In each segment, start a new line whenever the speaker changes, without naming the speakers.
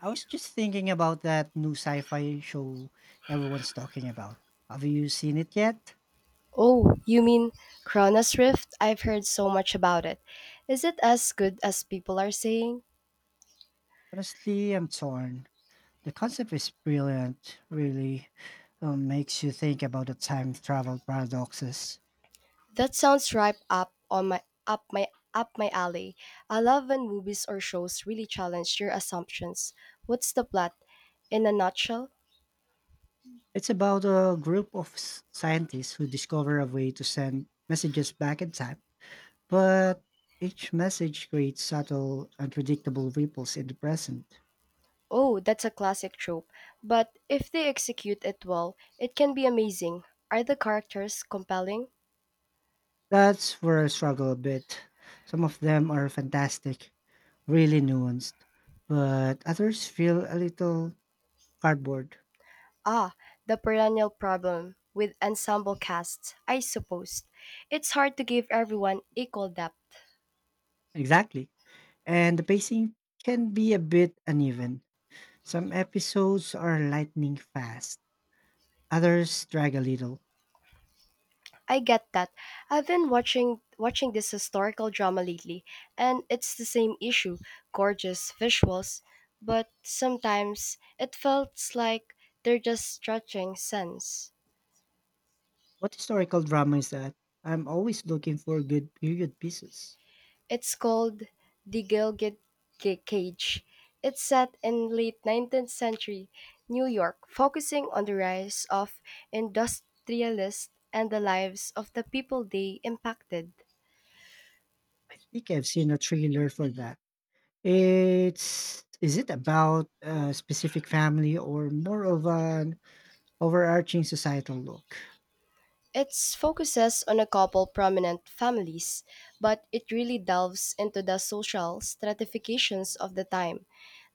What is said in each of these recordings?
I was just thinking about that new sci-fi show everyone's talking about. Have you seen it yet?
Oh, you mean Chronos Rift? I've heard so much about it. Is it as good as people are saying?
Honestly, I'm torn. The concept is brilliant, really. Makes you think about the time travel paradoxes.
That sounds right up on my up my up my alley. I love when movies or shows really challenge your assumptions. What's the plot? In a nutshell?
It's about a group of scientists who discover a way to send messages back in time, but each message creates subtle, unpredictable ripples in the present.
Oh, that's a classic trope. But if they execute it well, it can be amazing. Are the characters compelling?
That's where I struggle a bit. Some of them are fantastic, really nuanced, but others feel a little cardboard.
Ah, the perennial problem with ensemble casts, I suppose. It's hard to give everyone equal depth.
Exactly. And the pacing can be a bit uneven. Some episodes are lightning fast, others drag a little.
I get that. I've been watching this historical drama lately, and it's the same issue, gorgeous visuals, but sometimes it felt like they're just stretching sense.
What historical drama is that? I'm always looking for good period pieces.
It's called The Gilded Cage. It's set in late 19th century New York, focusing on the rise of industrialists and the lives of the people they impacted.
I think I've seen a trailer for that. It's is it about a specific family or more of an overarching societal look?
It focuses on a couple prominent families, but it really delves into the social stratifications of the time.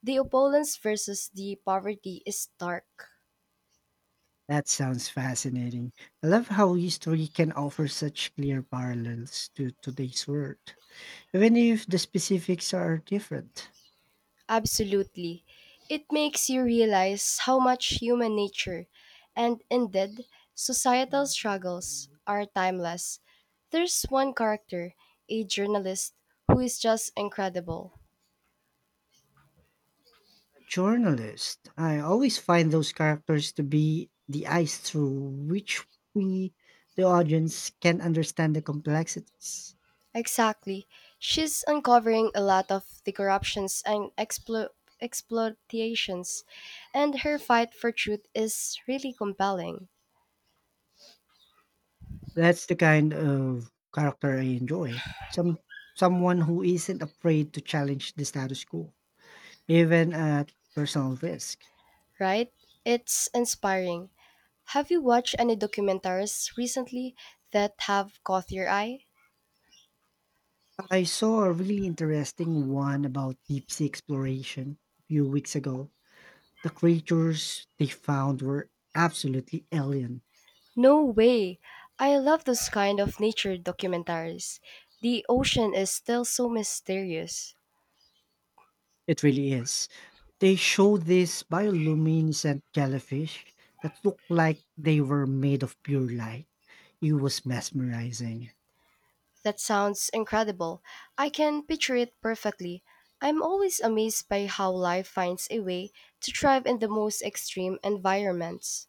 The opulence versus the poverty is stark.
That sounds fascinating. I love how history can offer such clear parallels to today's world, even if the specifics are different.
Absolutely. It makes you realize how much human nature and indeed societal struggles are timeless. There's one character, a journalist, who is just incredible.
A journalist, I always find those characters to be the eyes through which we, the audience, can understand the complexities.
Exactly. She's uncovering a lot of the corruptions and exploitations, and her fight for truth is really compelling,
That's the kind of character I enjoy. Someone who isn't afraid to challenge the status quo, even at personal risk.
right? It's inspiring. Have you watched any documentaries recently that have caught your eye?
I saw a really interesting one about deep sea exploration a few weeks ago. The creatures they found were absolutely alien.
No way! I love those kind of nature documentaries. The ocean is still so mysterious.
It really is. They showed this bioluminescent jellyfish that looked like they were made of pure light. It was mesmerizing.
That sounds incredible. I can picture it perfectly. I'm always amazed by how life finds a way to thrive in the most extreme environments.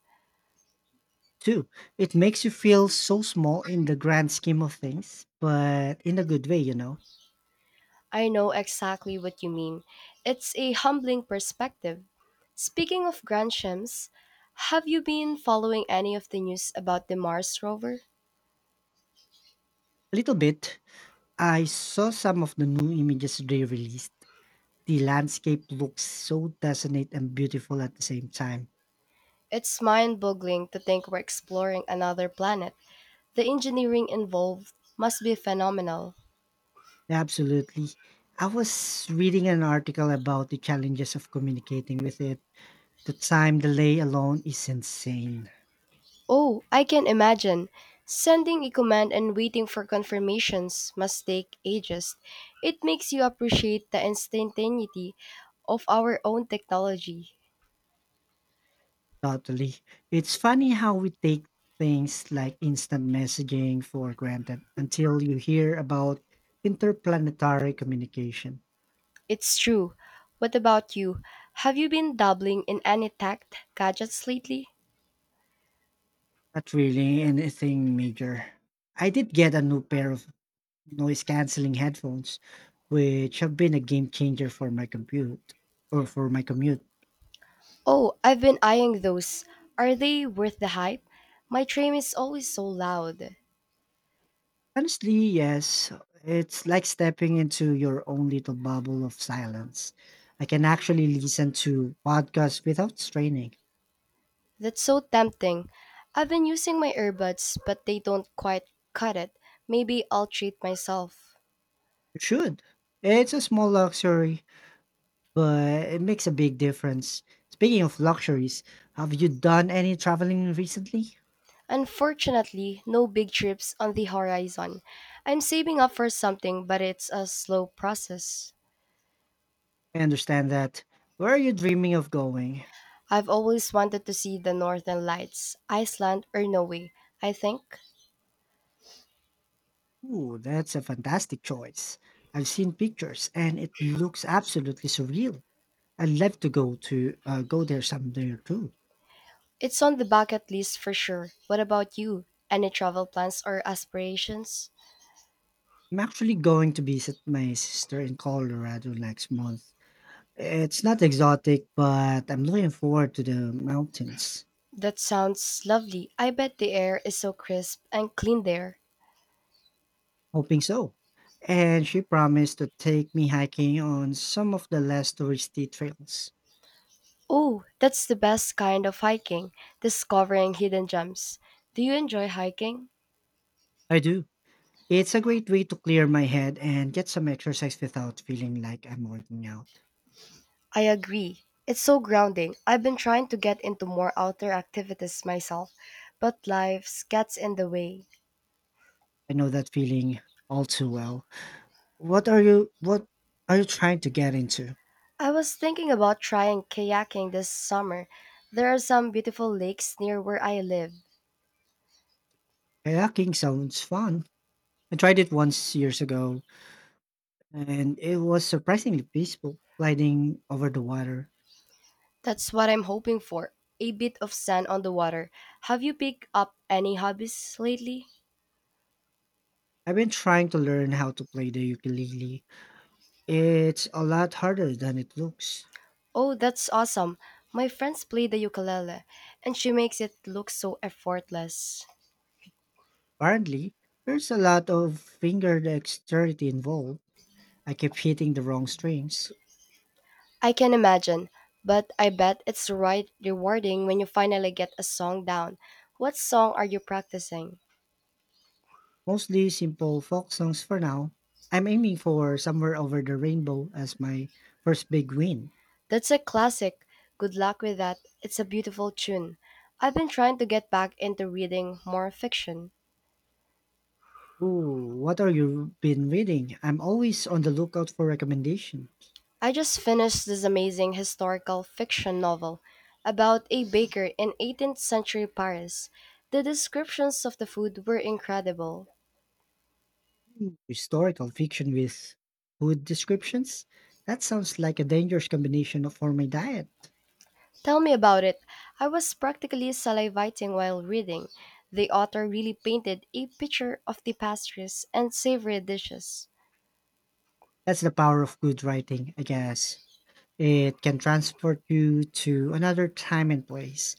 Two, it makes you feel so small in the grand scheme of things, but in a good way,
I know exactly what you mean. It's a humbling perspective. Speaking of Granshams, have you been following any of the news about the Mars rover?
A little bit. I saw some of the new images they released. The landscape looks so desolate and beautiful at the same time.
It's mind boggling to think we're exploring another planet. The engineering involved must be phenomenal.
Absolutely. I was reading an article about the challenges of communicating with it. The time delay alone is insane.
Oh, I can imagine. Sending a command and waiting for confirmations must take ages. It makes you appreciate the instantaneity of our own technology.
Totally. It's funny how we take things like instant messaging for granted until you hear about interplanetary communication.
It's true. What about you? Have you been dabbling in any tech gadgets lately?
Not really anything major. I did get a new pair of noise canceling headphones, which have been a game changer for my commute or for my commute.
Oh, I've been eyeing those. Are they worth the hype? My train is always so loud.
Honestly, yes, it's like stepping into your own little bubble of silence. I can actually listen to podcasts without straining.
That's so tempting. I've been using my earbuds, but they don't quite cut it. Maybe I'll treat myself.
You should. It's a small luxury, but it makes a big difference. Speaking of luxuries, have you done any traveling recently?
Unfortunately, no big trips on the horizon. I'm saving up for something, but it's a slow process.
I understand that. Where are you dreaming of going?
I've always wanted to see the northern lights, Iceland or Norway, I think.
Ooh, that's a fantastic choice. I've seen pictures and it looks absolutely surreal. I'd love to go there someday too.
It's on the bucket list for sure. What about you? Any travel plans or aspirations?
I'm actually going to visit my sister in Colorado next month. It's not exotic, but I'm looking forward to the mountains.
That sounds lovely. I bet the air is so crisp and clean there.
Hoping so. And she promised to take me hiking on some of the less touristy trails.
Oh, that's the best kind of hiking, discovering hidden gems. Do you enjoy hiking?
I do. It's a great way to clear my head and get some exercise without feeling like I'm working out.
I agree. It's so grounding. I've been trying to get into more outdoor activities myself, but life gets in the way.
I know that feeling all too well. What are you trying to get into?
I was thinking about trying kayaking this summer. There are some beautiful lakes near where I live.
Kayaking sounds fun. I tried it once years ago and it was surprisingly peaceful gliding over the water.
That's what I'm hoping for. A bit of sand on the water. Have you picked up any hobbies lately?
I've been trying to learn how to play the ukulele. It's a lot harder than it looks.
Oh, that's awesome. My friends play the ukulele, and she makes it look so effortless.
Apparently, there's a lot of finger dexterity involved. I keep hitting the wrong strings.
I can imagine, but I bet it's right rewarding when you finally get a song down. What song are you practicing?
Mostly simple folk songs for now. I'm aiming for Somewhere Over the Rainbow as my first big win.
That's a classic. Good luck with that. It's a beautiful tune. I've been trying to get back into reading more fiction.
Ooh, what are you been reading? I'm always on the lookout for recommendations.
I just finished this amazing historical fiction novel about a baker in 18th century Paris. The descriptions of the food were incredible.
Historical fiction with food descriptions? That sounds like a dangerous for my diet.
Tell me about it. I was practically salivating while reading. The author really painted a picture of the pastries and savory dishes.
That's the power of good writing, I guess. It can transport you to another time and place,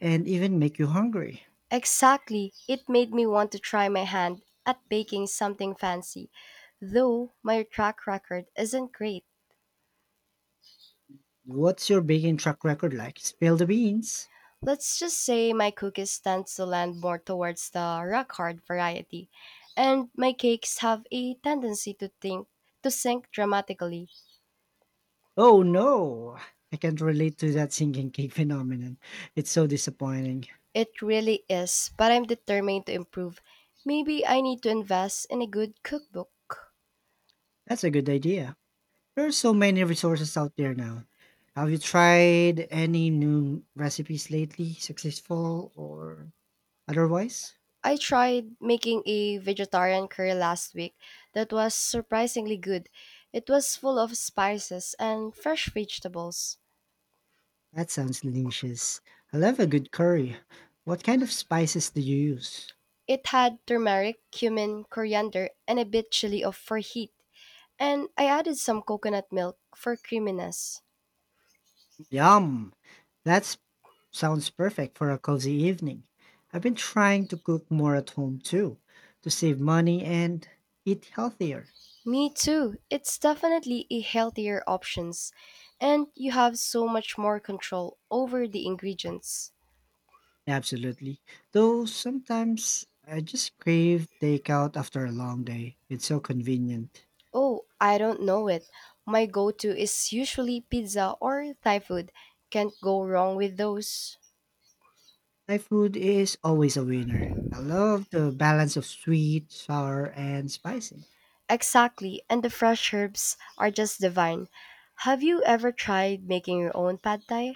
and even make you hungry.
Exactly. It made me want to try my hand at baking something fancy, though my track record isn't great.
What's your baking track record like? Spill the beans.
Let's just say my cookies tend to land more towards the rock hard variety, and my cakes have a tendency to think to sink dramatically.
Oh no, I can't relate to that sinking cake phenomenon. It's so disappointing.
It really is, but I'm determined to improve. Maybe I need to invest in a good cookbook.
That's a good idea. There are so many resources out there now. Have you tried any new recipes lately, successful or otherwise?
I tried making a vegetarian curry last week that was surprisingly good. It was full of spices and fresh vegetables.
That sounds delicious. I love a good curry. What kind of spices do you use?
It had turmeric, cumin, coriander, and a bit chili of for heat. And I added some coconut milk for creaminess.
Yum! That sounds perfect for a cozy evening. I've been trying to cook more at home too, to save money and eat healthier.
Me too. It's definitely a healthier options and you have so much more control over the ingredients.
Absolutely. Though sometimes I just crave takeout after a long day. It's so convenient.
Oh, I don't know it. My go to is usually pizza or Thai food. Can't go wrong with those.
Thai food is always a winner. I love the balance of sweet, sour, and spicy.
Exactly, and the fresh herbs are just divine. Have you ever tried making your own pad thai?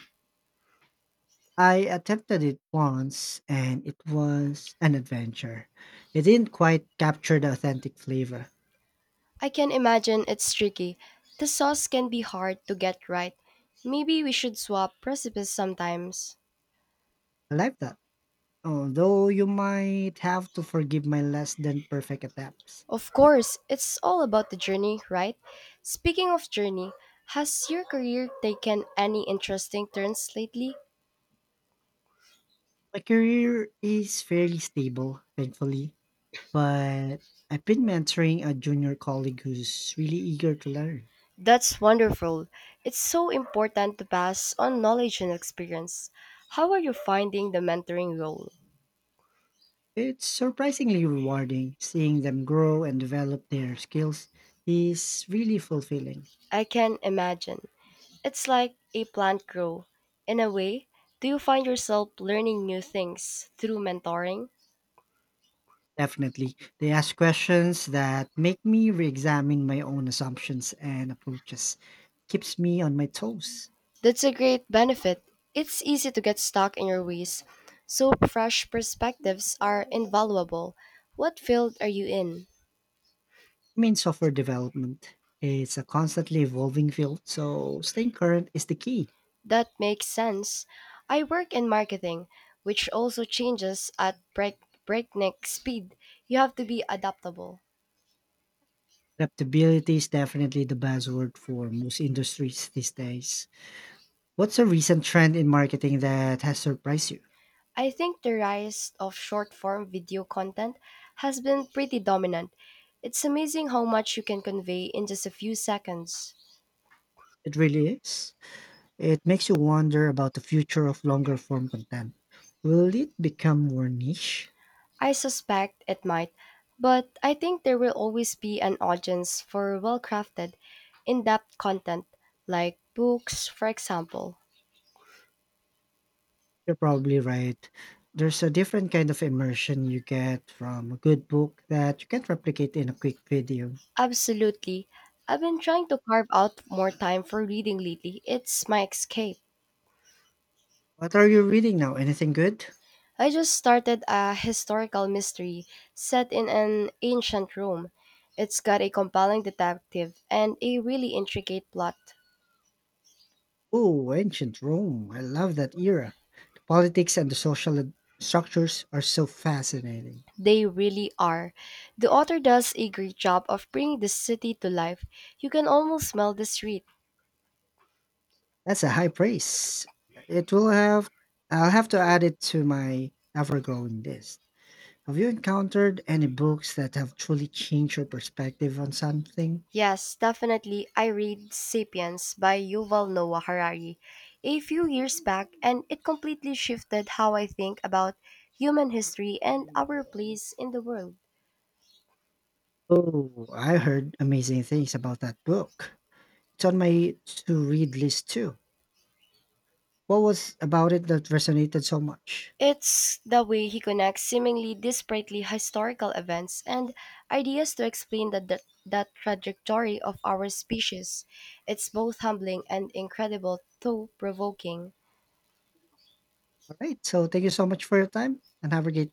I attempted it once and it was an adventure. It didn't quite capture the authentic flavor.
I can imagine it's tricky. The sauce can be hard to get right. Maybe we should swap recipes sometimes.
I like that. Although you might have to forgive my less than perfect attempts.
Of course, it's all about the journey, right? Speaking of journey, has your career taken any interesting turns lately?
My career is fairly stable, thankfully. But I've been mentoring a junior colleague who's really eager to learn.
That's wonderful. It's so important to pass on knowledge and experience. How are you finding the mentoring role?
It's surprisingly rewarding seeing them grow and develop their skills is really fulfilling.
I can imagine. It's like a plant grow. In a way, do you find yourself learning new things through mentoring?
Definitely. They ask questions that make me re-examine my own assumptions and approaches. Keeps me on my toes.
That's a great benefit. It's easy to get stuck in your ways, so fresh perspectives are invaluable. What field are you in?
I mean software development. It's a constantly evolving field, so staying current is the key.
That makes sense. I work in marketing, which also changes at breakneck speed. You have to be adaptable.
Adaptability is definitely the buzzword for most industries these days. What's a recent trend in marketing that has surprised you?
I think the rise of short form video content has been pretty dominant. It's amazing how much you can convey in just a few seconds.
It really is. It makes you wonder about the future of longer form content. Will it become more niche?
I suspect it might, but I think there will always be an audience for well crafted, in depth content, like books, for example.
You're probably right. There's a different kind of immersion you get from a good book that you can't replicate in a quick video.
Absolutely. I've been trying to carve out more time for reading lately. It's my escape.
What are you reading now? Anything good?
I just started a historical mystery set in an ancient Rome. It's got a compelling detective and a really intricate plot.
Oh, ancient Rome. I love that era. The politics and the social structures are so fascinating.
They really are. The author does a great job of bringing the city to life. You can almost smell the street.
That's a high praise. It will have I'll have to add it to my ever-growing list. Have you encountered any books that have truly changed your perspective on something?
Yes, definitely. I read Sapiens by Yuval Noah Harari a few years back, and it completely shifted how I think about human history and our place in the world.
Oh, I heard amazing things about that book. It's on my to-read list too. What was about it that resonated so much?
It's the way he connects seemingly disparately historical events and ideas to explain the trajectory of our species. It's both humbling and incredible, though provoking.
All right, so thank you so much for your time and have a great